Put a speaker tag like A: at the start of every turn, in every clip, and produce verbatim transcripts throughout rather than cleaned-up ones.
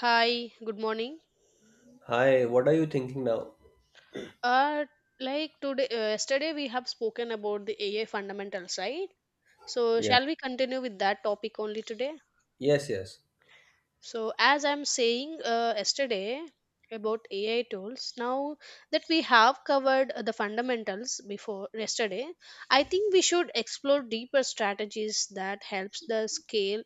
A: Hi, good morning.
B: Hi, what are you thinking now?
A: Uh, like today, uh, yesterday we have spoken about the A I fundamentals, right? So,
B: Yeah.
A: shall we continue with that topic only today?
B: Yes, yes,
A: So, as I'm saying uh, yesterday about A I tools, now that we have covered uh, the fundamentals before yesterday, I think we should explore deeper strategies that helps the scale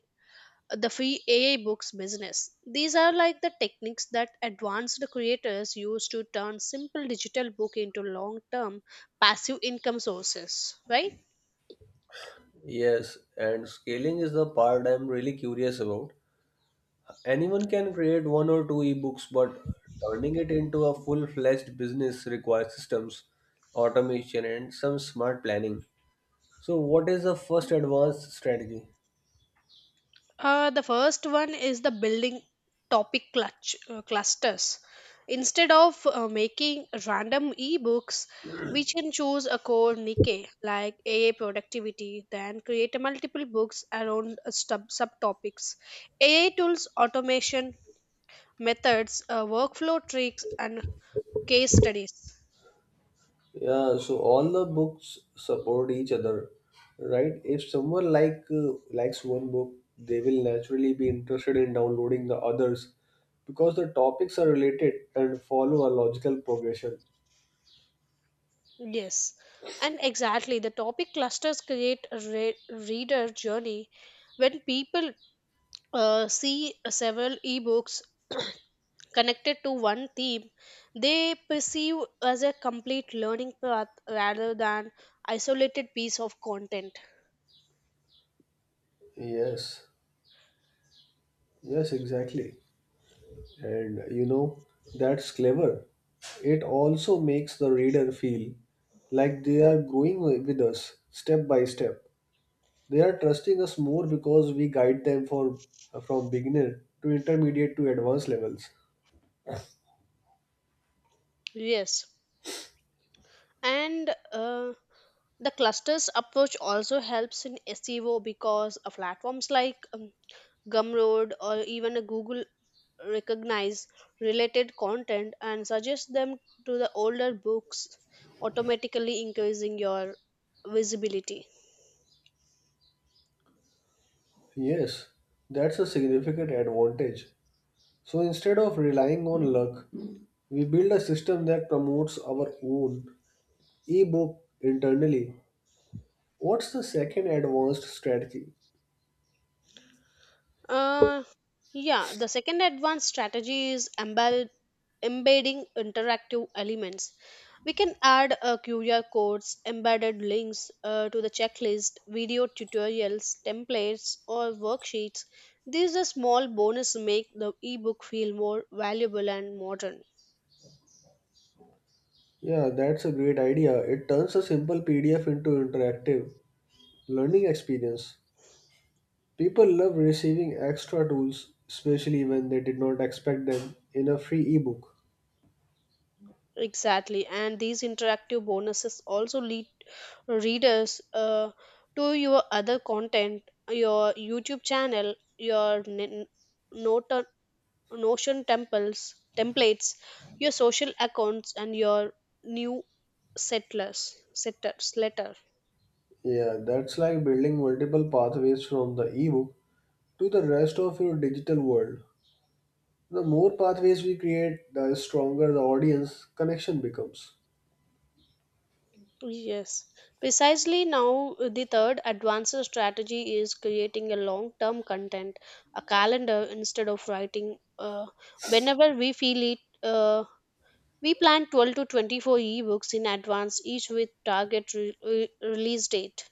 A: the free A I books business. These are like the techniques that advanced creators use to turn simple digital book into long term passive income sources, right?
B: yes. And scaling is the part I'm really curious about. Anyone can create one or two ebooks, but turning it into a full fledged business requires systems, automation, and some smart planning. So, what is the first advanced strategy?
A: Uh, the first one is the building topic clutch, uh, clusters. Instead of uh, making random ebooks, we can choose a core niche like A A productivity, then create multiple books around uh, sub- subtopics. A I tools, automation, methods, uh, workflow tricks, and case studies.
B: Yeah, so all the books support each other, right? If someone like uh, likes one book, they will naturally be interested in downloading the others because the topics are related and follow a logical progression.
A: Yes, and exactly the topic clusters create a re- reader journey when people uh, see several ebooks connected to one theme, they perceive as a complete learning path rather than isolated piece of content.
B: Yes, yes, exactly. And you know, that's clever. It also makes the reader feel like they are growing with us step by step. They are trusting us more because we guide them for from beginner to intermediate to advanced levels.
A: Yes, and uh, the clusters approach also helps in SEO because uh, platforms like um, Gumroad, or even a Google, recognize related content and suggest them to the older books, automatically increasing your visibility.
B: Yes, that's a significant advantage. So instead of relying on luck, we build a system that promotes our own ebook internally. What's the second advanced strategy?
A: Uh, yeah, the second advanced strategy is embed, embedding interactive elements. We can add uh, Q R codes, embedded links uh, to the checklist, video tutorials, templates, or worksheets. These are small bonus make the ebook feel more valuable and modern.
B: Yeah, that's a great idea. It turns a simple P D F into interactive learning experience. People love receiving extra tools, especially when they did not expect them, in a free ebook.
A: Exactly, and these interactive bonuses also lead readers uh, to your other content, your YouTube channel, your n- Nota- Notion temples, templates, your social accounts, and your new settlers, settlers letter.
B: Yeah, that's like building multiple pathways from the ebook to the rest of your digital world. The more pathways we create, the stronger the audience connection becomes.
A: Yes, precisely now the third advanced strategy is creating a long term content, a calendar instead of writing. Uh, whenever we feel it. Uh, We plan twelve to twenty-four ebooks in advance, each with target re- re- release date.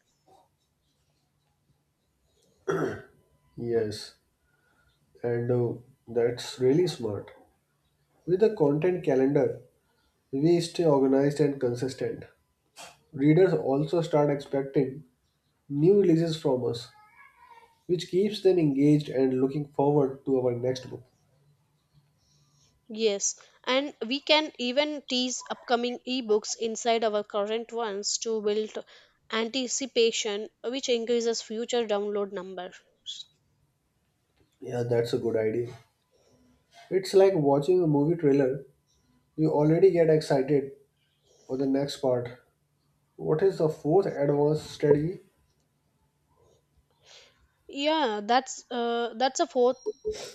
B: Yes, and uh, that's really smart. With a content calendar, we stay organized and consistent. Readers also start expecting new releases from us, which keeps them engaged and looking forward to our next book.
A: Yes, and we can even tease upcoming ebooks inside our current ones to build anticipation, which increases future download numbers.
B: Yeah, that's a good idea. It's like watching a movie trailer. You already get excited for the next part. What is the fourth advanced strategy?
A: Yeah, that's uh, that's a fourth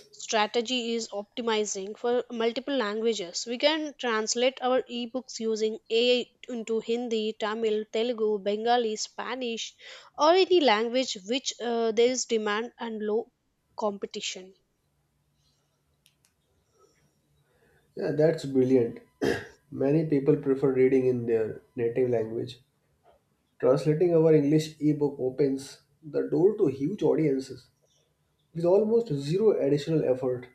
A: strategy is optimizing for multiple languages. We can translate our ebooks using A I into Hindi, Tamil, Telugu, Bengali, Spanish, or any language which uh, there is demand and low competition.
B: Yeah, that's brilliant. Many people prefer reading in their native language. Translating our English ebook opens the door to huge audiences with almost zero additional effort.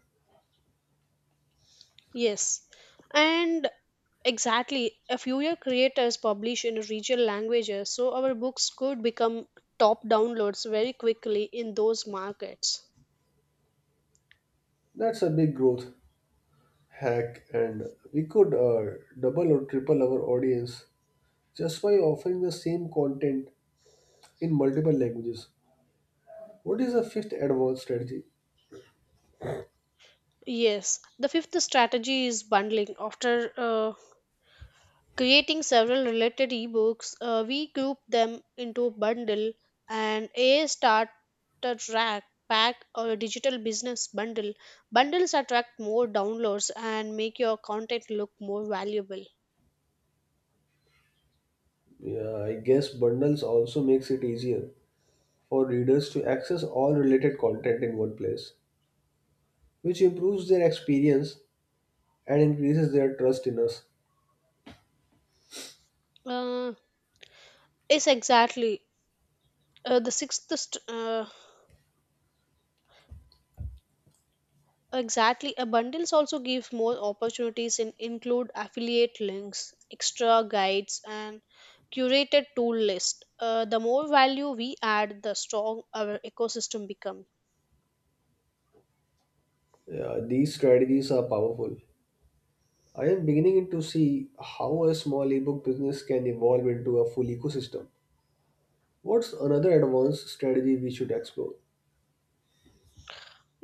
A: Yes, and exactly. A fewer creators publish in regional languages, so our books could become top downloads very quickly in those markets.
B: That's a big growth hack, and we could uh, double or triple our audience just by offering the same content in multiple languages. What is a fifth advanced strategy?
A: Yes, the fifth strategy is bundling. After uh, creating several related ebooks. Uh, we group them into a bundle and a starter track pack or a digital business bundle. Bundles attract more downloads and make your content look more valuable.
B: Yeah, I guess bundles also makes it easier for readers to access all related content in one place, which improves their experience and increases their trust in us.
A: Uh, yes, exactly. Uh, the sixth st- uh, Exactly. A bundles also gives more opportunities and include affiliate links, extra guides, and curated tool list. Uh, the more value we add, the strong our ecosystem becomes.
B: Yeah, these strategies are powerful. I am beginning to see how a small ebook business can evolve into a full ecosystem. What's another advanced strategy we should explore?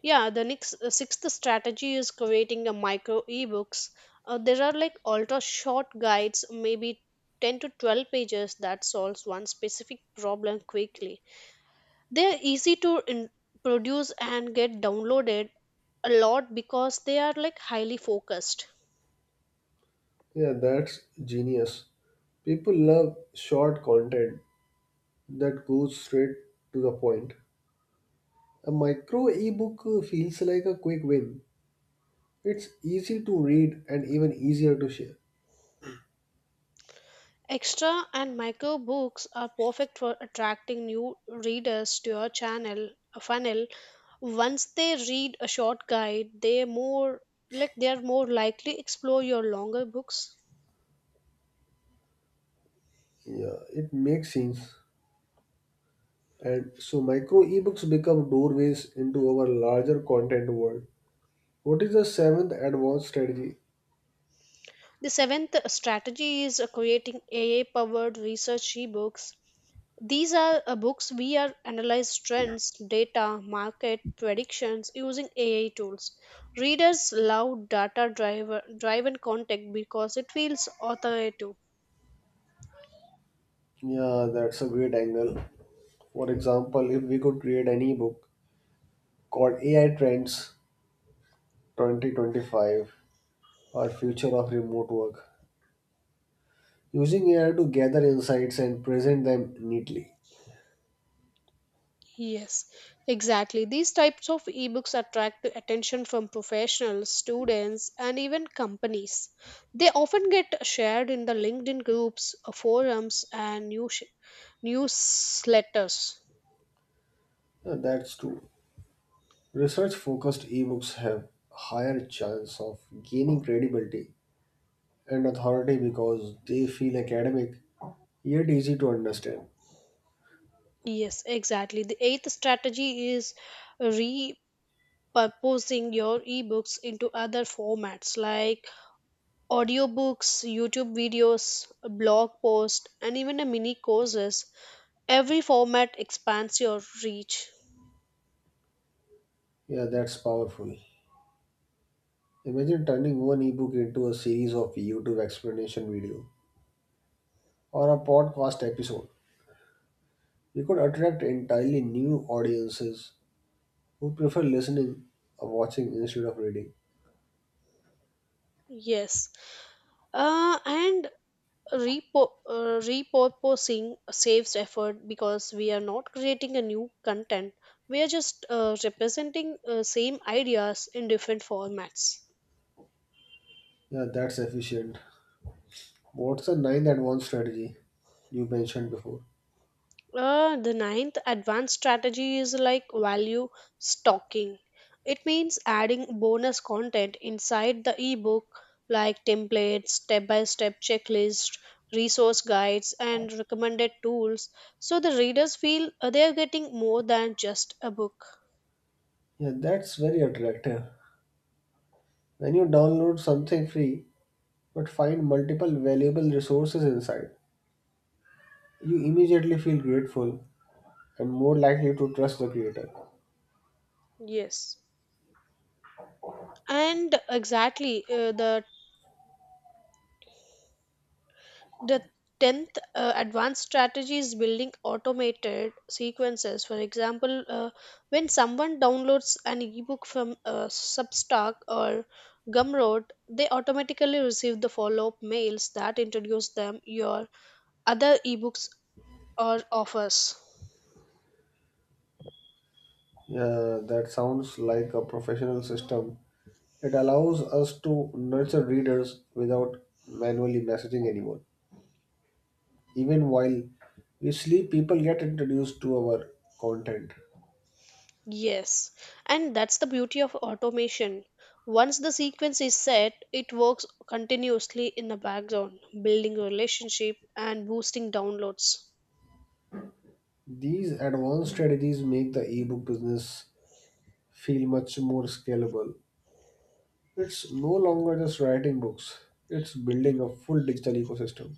A: Yeah, the next uh, sixth strategy is creating a micro ebooks. Uh, there are like ultra short guides, maybe ten to twelve pages that solves one specific problem quickly. They are easy to in- produce and get downloaded a lot because they are like highly focused.
B: Yeah, that's genius. People love short content that goes straight to the point. A micro ebook feels like a quick win. It's easy to read and even easier to share.
A: Extra and micro books are perfect for attracting new readers to your channel a funnel. Once they read a short guide, they more like they are more likely explore your longer books.
B: Yeah, it makes sense. And so micro ebooks become doorways into our larger content world. What is the seventh advanced strategy?
A: The seventh strategy is uh, creating A I powered research ebooks. These are uh, books we are analyze trends, data, market predictions using A I tools. Readers love data driver, driven content because it feels authoritative.
B: Yeah, that's a great angle. For example, if we could create an ebook called A I Trends twenty twenty-five or future of remote work, using A I to gather insights and present them neatly.
A: Yes, exactly. These types of ebooks attract the attention from professionals, students, and even companies. They often get shared in the LinkedIn groups, uh, forums, and news newsletters.
B: Yeah, that's true. Research focused ebooks have higher chance of gaining credibility and authority because they feel academic yet easy to understand.
A: Yes, exactly. The eighth strategy is purposing your ebooks into other formats like audiobooks, YouTube videos, blog posts, and even a mini courses. Every format expands your reach.
B: Yeah, that's powerful. Imagine turning one ebook into a series of YouTube explanation video or a podcast episode. You could attract entirely new audiences who prefer listening or watching instead of reading.
A: Yes. Uh, and repo- uh, repurposing saves effort because we are not creating a new content. We are just uh, representing uh, same ideas in different formats.
B: Yeah, that's efficient. What's a ninth at one strategy you mentioned before?
A: Uh, the ninth advanced strategy is like value stocking. It means adding bonus content inside the ebook like templates, step by step checklist, resource guides, and recommended tools so the readers feel uh, they are getting more than just a book.
B: Yeah, that's very attractive. When you download something free but find multiple valuable resources inside, you immediately feel grateful and more likely to trust the creator.
A: Yes. And exactly, uh, the The tenth uh, advanced strategy is building automated sequences. For example, uh, when someone downloads an ebook from uh, Substack or Gumroad, they automatically receive the follow up mails that introduce them your other ebooks or offers.
B: Yeah, that sounds like a professional system. It allows us to nurture readers without manually messaging anyone. Even while we sleep, people get introduced to our content.
A: Yes, and that's the beauty of automation. Once the sequence is set, it works continuously in the background, building relationship and boosting downloads.
B: These advanced strategies make the ebook business feel much more scalable. It's no longer just writing books, it's building a full digital ecosystem.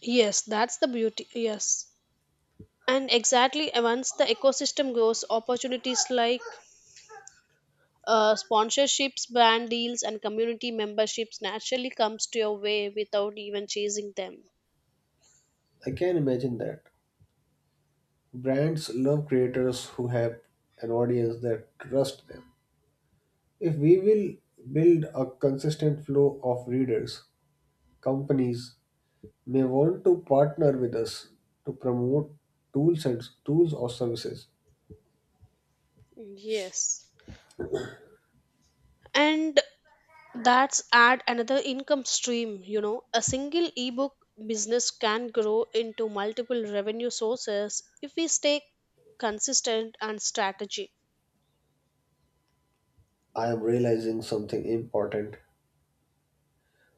A: Yes, that's the beauty. Yes. And exactly uh, once the ecosystem grows, opportunities like uh, sponsorships, brand deals, and community memberships naturally comes to your way without even chasing them.
B: I can imagine that. Brands love creators who have an audience that trust them. If we will build a consistent flow of readers, companies may want to partner with us to promote tools and tools or services.
A: Yes. And that's add another income stream, you know. A single ebook business can grow into multiple revenue sources if we stay consistent and strategic.
B: I am realizing something important.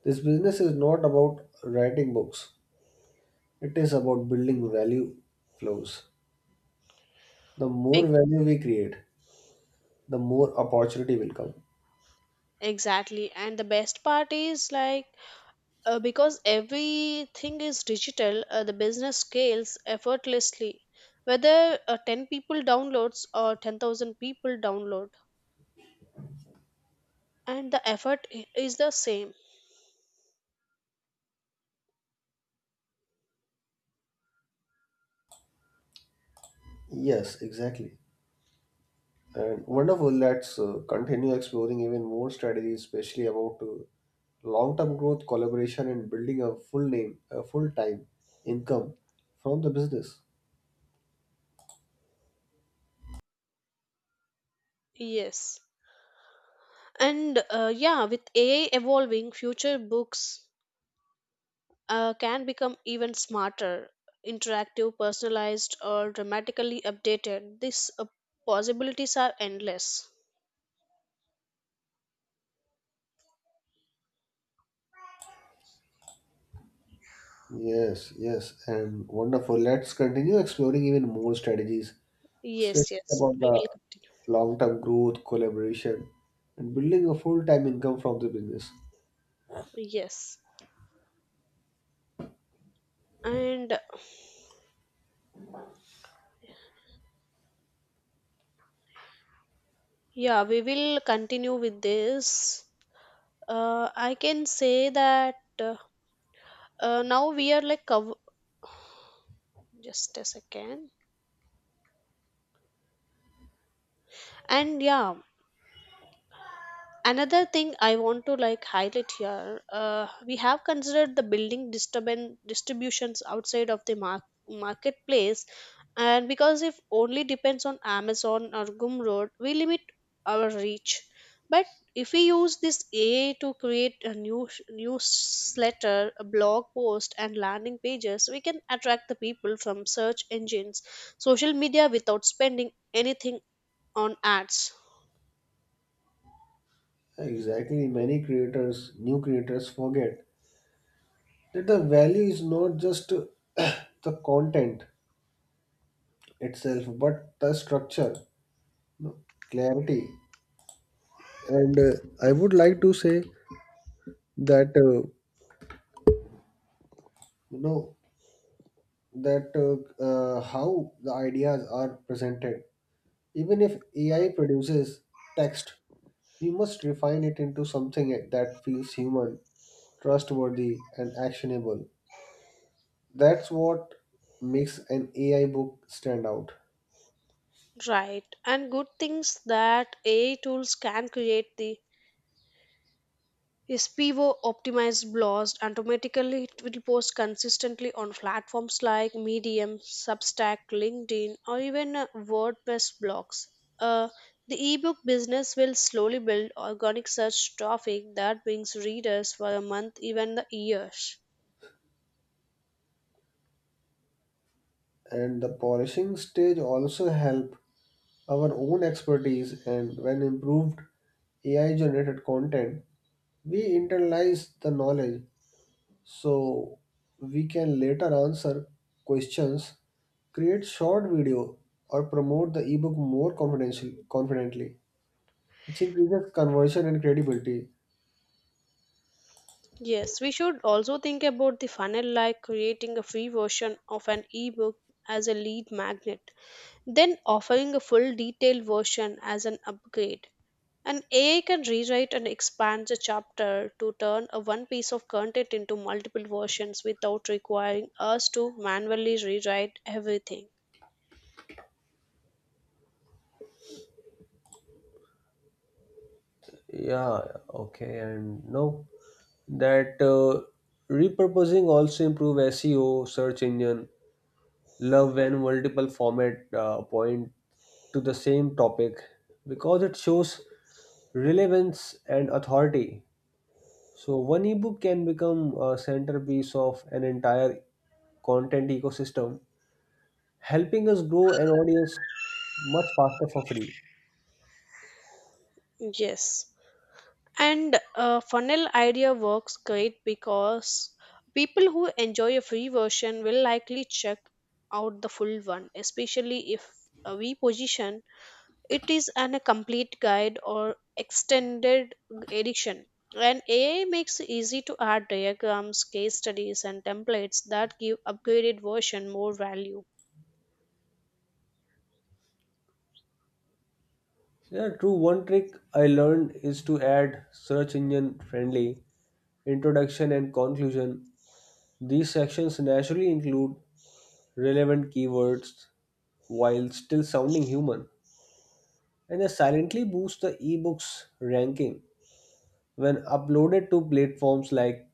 B: This business is not about writing books, it is about building value flows. The more
A: Ex-
B: value we create, the more opportunity will come.
A: Exactly. And the best part is like Uh, because everything is digital, uh, the business scales effortlessly. Whether uh, ten people downloads or ten thousand people download, and the effort i- is the same.
B: Yes, exactly. And wonderful, let's uh, continue exploring even more strategies, especially about uh, long-term growth, collaboration, and building a full name, a full-time income from the business.
A: Yes. And uh, yeah, with A I evolving, future books uh, can become even smarter, interactive, personalized, or dramatically updated. These uh, possibilities are endless.
B: Yes, yes, and wonderful. Let's continue exploring even more strategies,
A: Yes,
B: especially
A: yes.
B: about
A: We
B: the
A: will continue.
B: long-term growth, collaboration, and building a full-time income from the business.
A: Yes. And yeah, we will continue with this. Uh, I can say that uh, uh, now we are like cov- Just a second. And yeah, another thing I want to like highlight here, uh, we have considered the building disturbance distributions outside of the mar- marketplace, and because if only depends on Amazon or Gumroad we limit our reach. But if we use this AI to create a new newsletter, a blog post, and landing pages, we can attract the people from search engines, social media without spending anything on ads.
B: Exactly, many creators, new creators forget that the value is not just the content itself, but the structure, you know, clarity. And uh, I would like to say that uh, you know that uh, uh, how the ideas are presented. Even if A I produces text, we must refine it into something that feels human, trustworthy, and actionable. That's what makes an A I book stand out.
A: Right. And good things that A I tools can create the is S P O optimized blogs and automatically it will post consistently on platforms like Medium, Substack, LinkedIn, or even uh, WordPress blogs. Uh, the ebook business will slowly build organic search traffic that brings readers for a month, even the years.
B: And the polishing stage also help our own expertise, and when improved A I generated content, we internalize the knowledge so we can later answer questions, create short video, or promote the ebook more confidentially, confidently, which increases conversion and credibility.
A: Yes, we should also think about the funnel like creating a free version of an ebook as a lead magnet, then offering a full detailed version as an upgrade. An A I can rewrite and expand the chapter to turn a one piece of content into multiple versions without requiring us to manually rewrite everything.
B: Yeah, okay, and now that uh, repurposing also improve S E O, search engine love when multiple format uh, point to the same topic because it shows relevance and authority. So one ebook can become a centerpiece of an entire content ecosystem, helping us grow an audience much faster for free.
A: Yes. And uh, Funnel idea works great because people who enjoy a free version will likely check out the full one, especially if uh, we position it is an a complete guide or extended edition. And A I makes it easy to add diagrams, case studies, and templates that give upgraded version more value.
B: Yeah, true. One trick I learned is to add search engine friendly introduction and conclusion. These sections naturally include relevant keywords while still sounding human, and they silently boost the ebook's ranking when uploaded to platforms like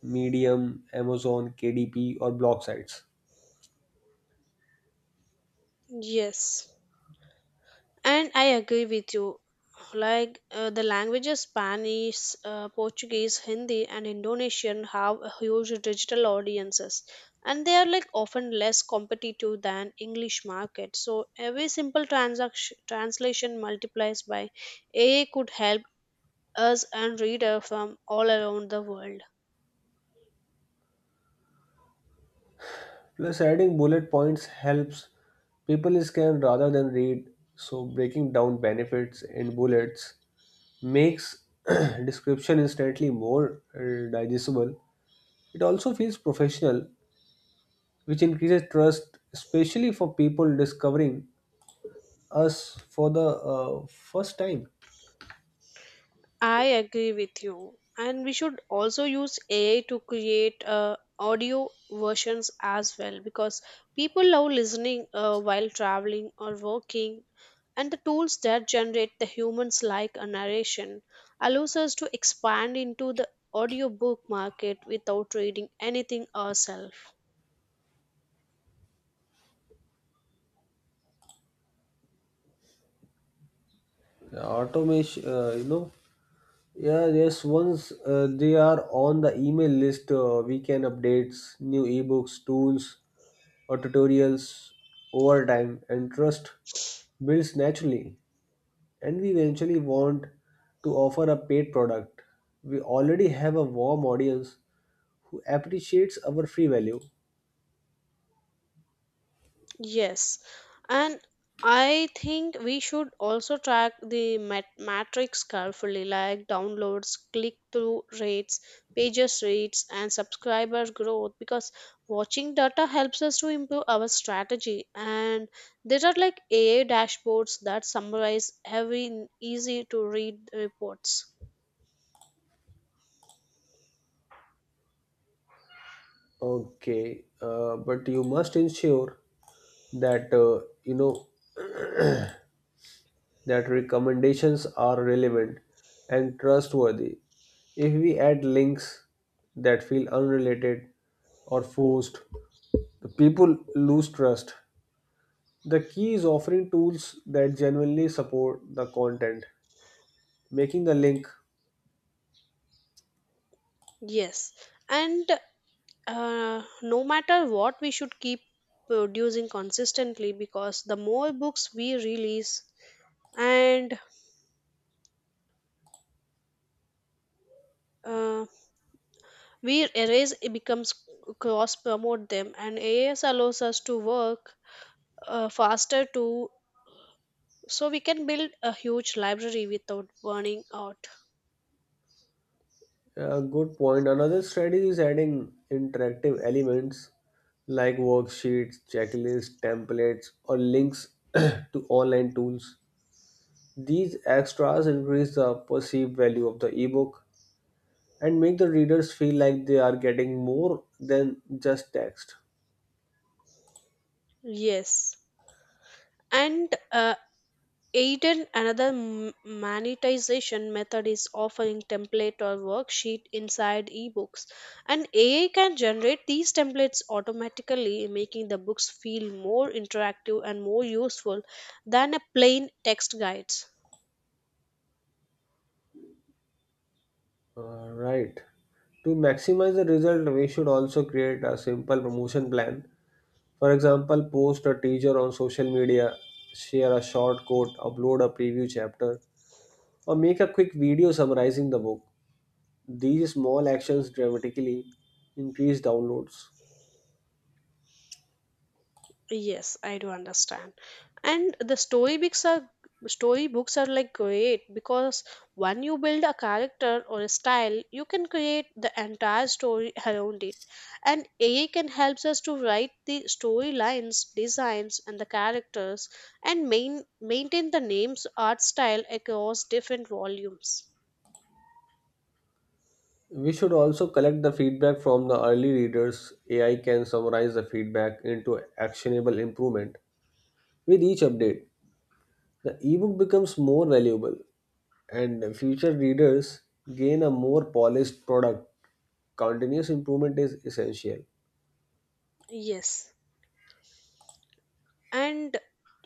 B: Medium, Amazon, K D P, or blog sites.
A: Yes. And I agree with you. Like uh, the languages Spanish, uh, Portuguese, Hindi, and Indonesian have a huge digital audiences, and they are like often less competitive than English market. So every simple transaction translation multiplies by A I could help us and reader from all around the world.
B: Plus, adding bullet points helps people scan rather than read, so breaking down benefits in bullets makes description instantly more uh, digestible. It also feels professional, which increases trust, especially for people discovering us for the uh, first time.
A: I agree with you. And we should also use A I to create uh, audio versions as well because people love listening uh, while traveling or working. And the tools that generate the humans like a narration allows us to expand into the audiobook market without reading anything ourselves.
B: Automation, uh, you know, yeah, yes. Once uh, they are on the email list, uh, weekend updates, new ebooks, tools, or tutorials over time, and trust builds naturally. And we eventually want to offer a paid product. We already have a warm audience who appreciates our free value.
A: Yes, and I think we should also track the mat- matrix carefully, like downloads, click through rates, pages rates, and subscriber growth, because watching data helps us to improve our strategy. And there are like A A dashboards that summarize every easy to read reports.
B: Okay, uh, but you must ensure that uh, you know that recommendations are relevant and trustworthy. If we add links that feel unrelated or forced, the people lose trust. The key is offering tools that genuinely support the content, making the link
A: Yes, and uh, no matter what we should keep producing consistently because the more books we release and uh, we erase it becomes cross promote them, and as allows us to work uh, faster too, so we can build a huge library without burning out.
B: a good point. Another strategy is adding interactive elements like worksheets, checklists, templates, or links to online tools. These extras increase the perceived value of the ebook and make the readers feel like they are getting more than just text.
A: Yes, and uh, Aiden, another m- monetization method, is offering template or worksheet inside ebooks. And A I can generate these templates automatically, making the books feel more interactive and more useful than a plain text guides.
B: Alright. To maximize the result, we should also create a simple promotion plan. For example, post a teaser on social media, share a short quote, upload a preview chapter, or make a quick video summarizing the book. These small actions dramatically increase downloads.
A: Yes, I do understand. And the storybooks are storybooks are like great because when you build a character or a style, you can create the entire story around it. And A I can helps us to write the storylines, designs, and the characters, and main, maintain the names, art style across different volumes.
B: We should also collect the feedback from the early readers. A I can summarize the feedback into actionable improvement. With each update, the ebook becomes more valuable and future readers gain a more polished product. Continuous improvement is essential.
A: Yes. And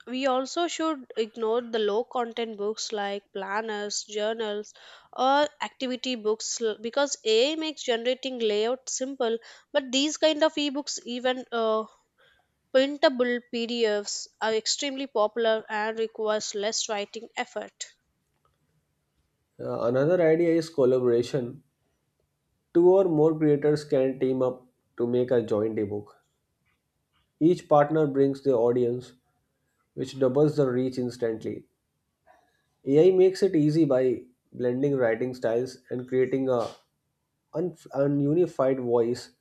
A: we also should ignore the low content books like planners, journals, or activity books l- because A I makes generating layout simple. But these kind of ebooks, even uh, printable P D Fs, are extremely popular and requires less writing effort.
B: Uh, another idea is collaboration. Two or more creators can team up to make a joint ebook. Each partner brings their audience, which doubles the reach instantly. A I makes it easy by blending writing styles and creating a un- ununified voice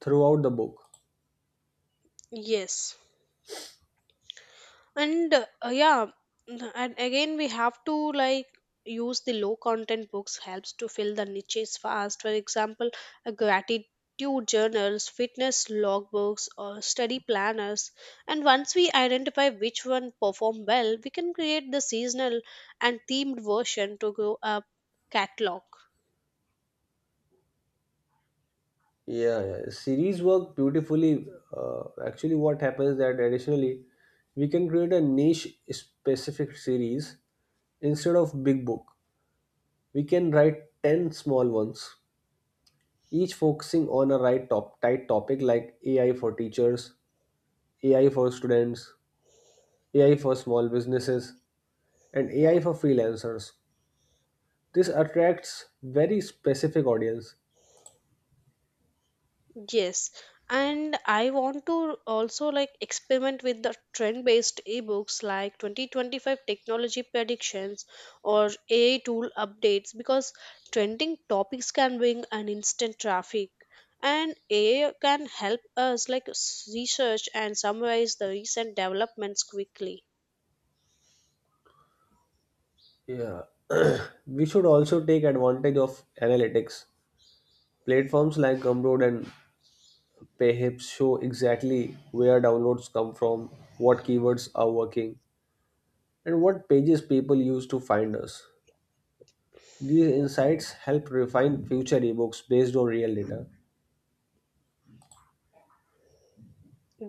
B: throughout the book.
A: Yes. and uh, yeah and Again we have to like use the low content books helps to fill the niches fast. For example, a gratitude journals, fitness logbooks, or study planners. And once we identify which one perform well, we can create the seasonal and themed version to grow up catalog.
B: Yeah, yeah. series work beautifully. Uh, actually, what happens that additionally, we can create a niche specific series instead of big book. We can write ten small ones, each focusing on a right top tight topic like A I for teachers, A I for students, A I for small businesses, and A I for freelancers. This attracts very specific audience.
A: Yes, and I want to also like experiment with the trend-based ebooks like twenty twenty-five technology predictions or A I tool updates, because trending topics can bring an instant traffic, and A I can help us like s- research and summarize the recent developments quickly.
B: Yeah. we should also take advantage of analytics. Platforms like Gumroad and Payhip show exactly where downloads come from, what keywords are working, and what pages people use to find us. These insights help refine future ebooks based on real data.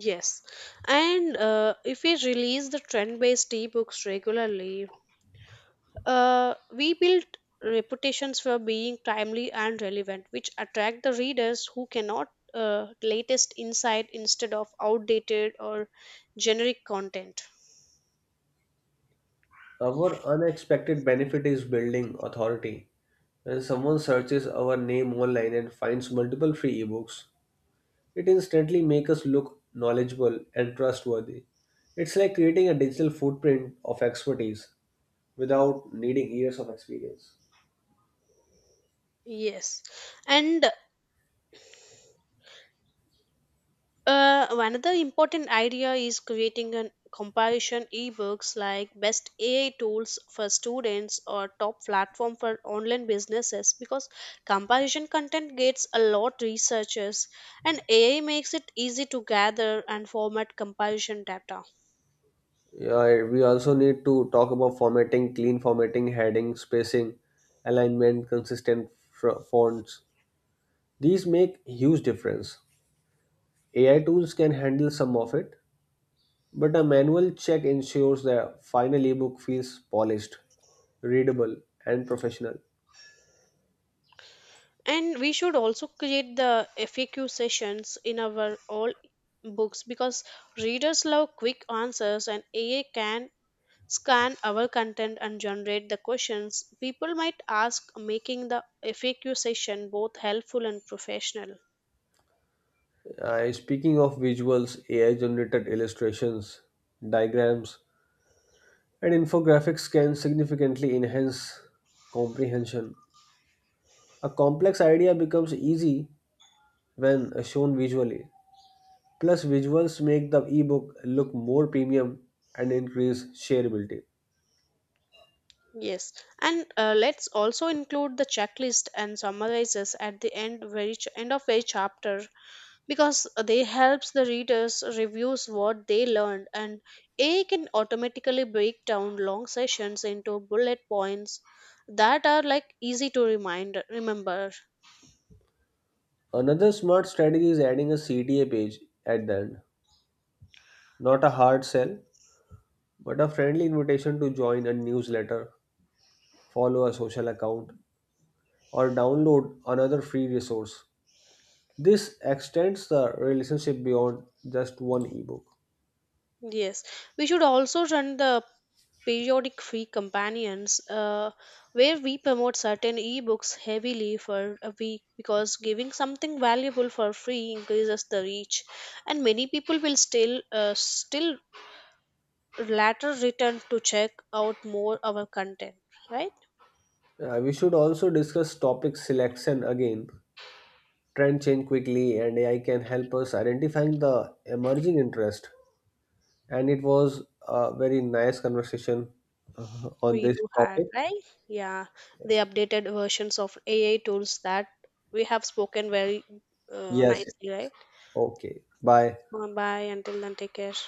A: Yes, and uh, if we release the trend-based ebooks regularly, Uh, we built reputations for being timely and relevant, which attract the readers who cannot uh, latest insight instead of outdated or generic content.
B: Our unexpected benefit is building authority. When someone searches our name online and finds multiple free ebooks, it instantly makes us look knowledgeable and trustworthy. It's like creating a digital footprint of expertise without needing years of experience.
A: Yes, and Uh, another important idea is creating a comparison ebooks like best A I tools for students or top platform for online businesses, because comparison content gets a lot researchers, and A I makes it easy to gather and format comparison data.
B: Yeah, we also need to talk about formatting, clean formatting, heading, spacing, alignment, consistent fr- fonts. These make huge difference. A I tools can handle some of it, but a manual check ensures the final ebook feels polished, readable, and professional.
A: And we should also create the FAQ sessions in our all books because readers love quick answers, and A I can scan our content and generate the questions people might ask, making the FAQ session both helpful and professional.
B: Uh, speaking of visuals, A I generated illustrations, diagrams, and infographics can significantly enhance comprehension. A complex idea becomes easy when shown visually. Plus, visuals make the ebook look more premium and increase shareability.
A: Yes, and uh, let's also include the checklist and summarizes at the end of each end of each chapter because they helps the readers reviews what they learned, and AI can automatically break down long sessions into bullet points that are like easy to remind remember.
B: Another smart strategy is adding a C T A page at the end. Not a hard sell, but a friendly invitation to join a newsletter, follow a social account, or download another free resource. This extends the relationship beyond just one ebook.
A: Yes, we should also run the periodic free companions uh, where we promote certain ebooks heavily for a week, because giving something valuable for free increases the reach, and many people will still uh, still later return to check out more our content, right?
B: Uh, we should also discuss topic selection again. Trend change quickly, and A I can help us identifying the emerging interest. And it was a very nice conversation uh, on
A: We
B: this
A: do have
B: topic.
A: right, yeah, the updated versions of AI tools that we have spoken very uh,
B: Yes, yes.
A: nicely, right?
B: Okay. Bye.
A: Bye, until then take care.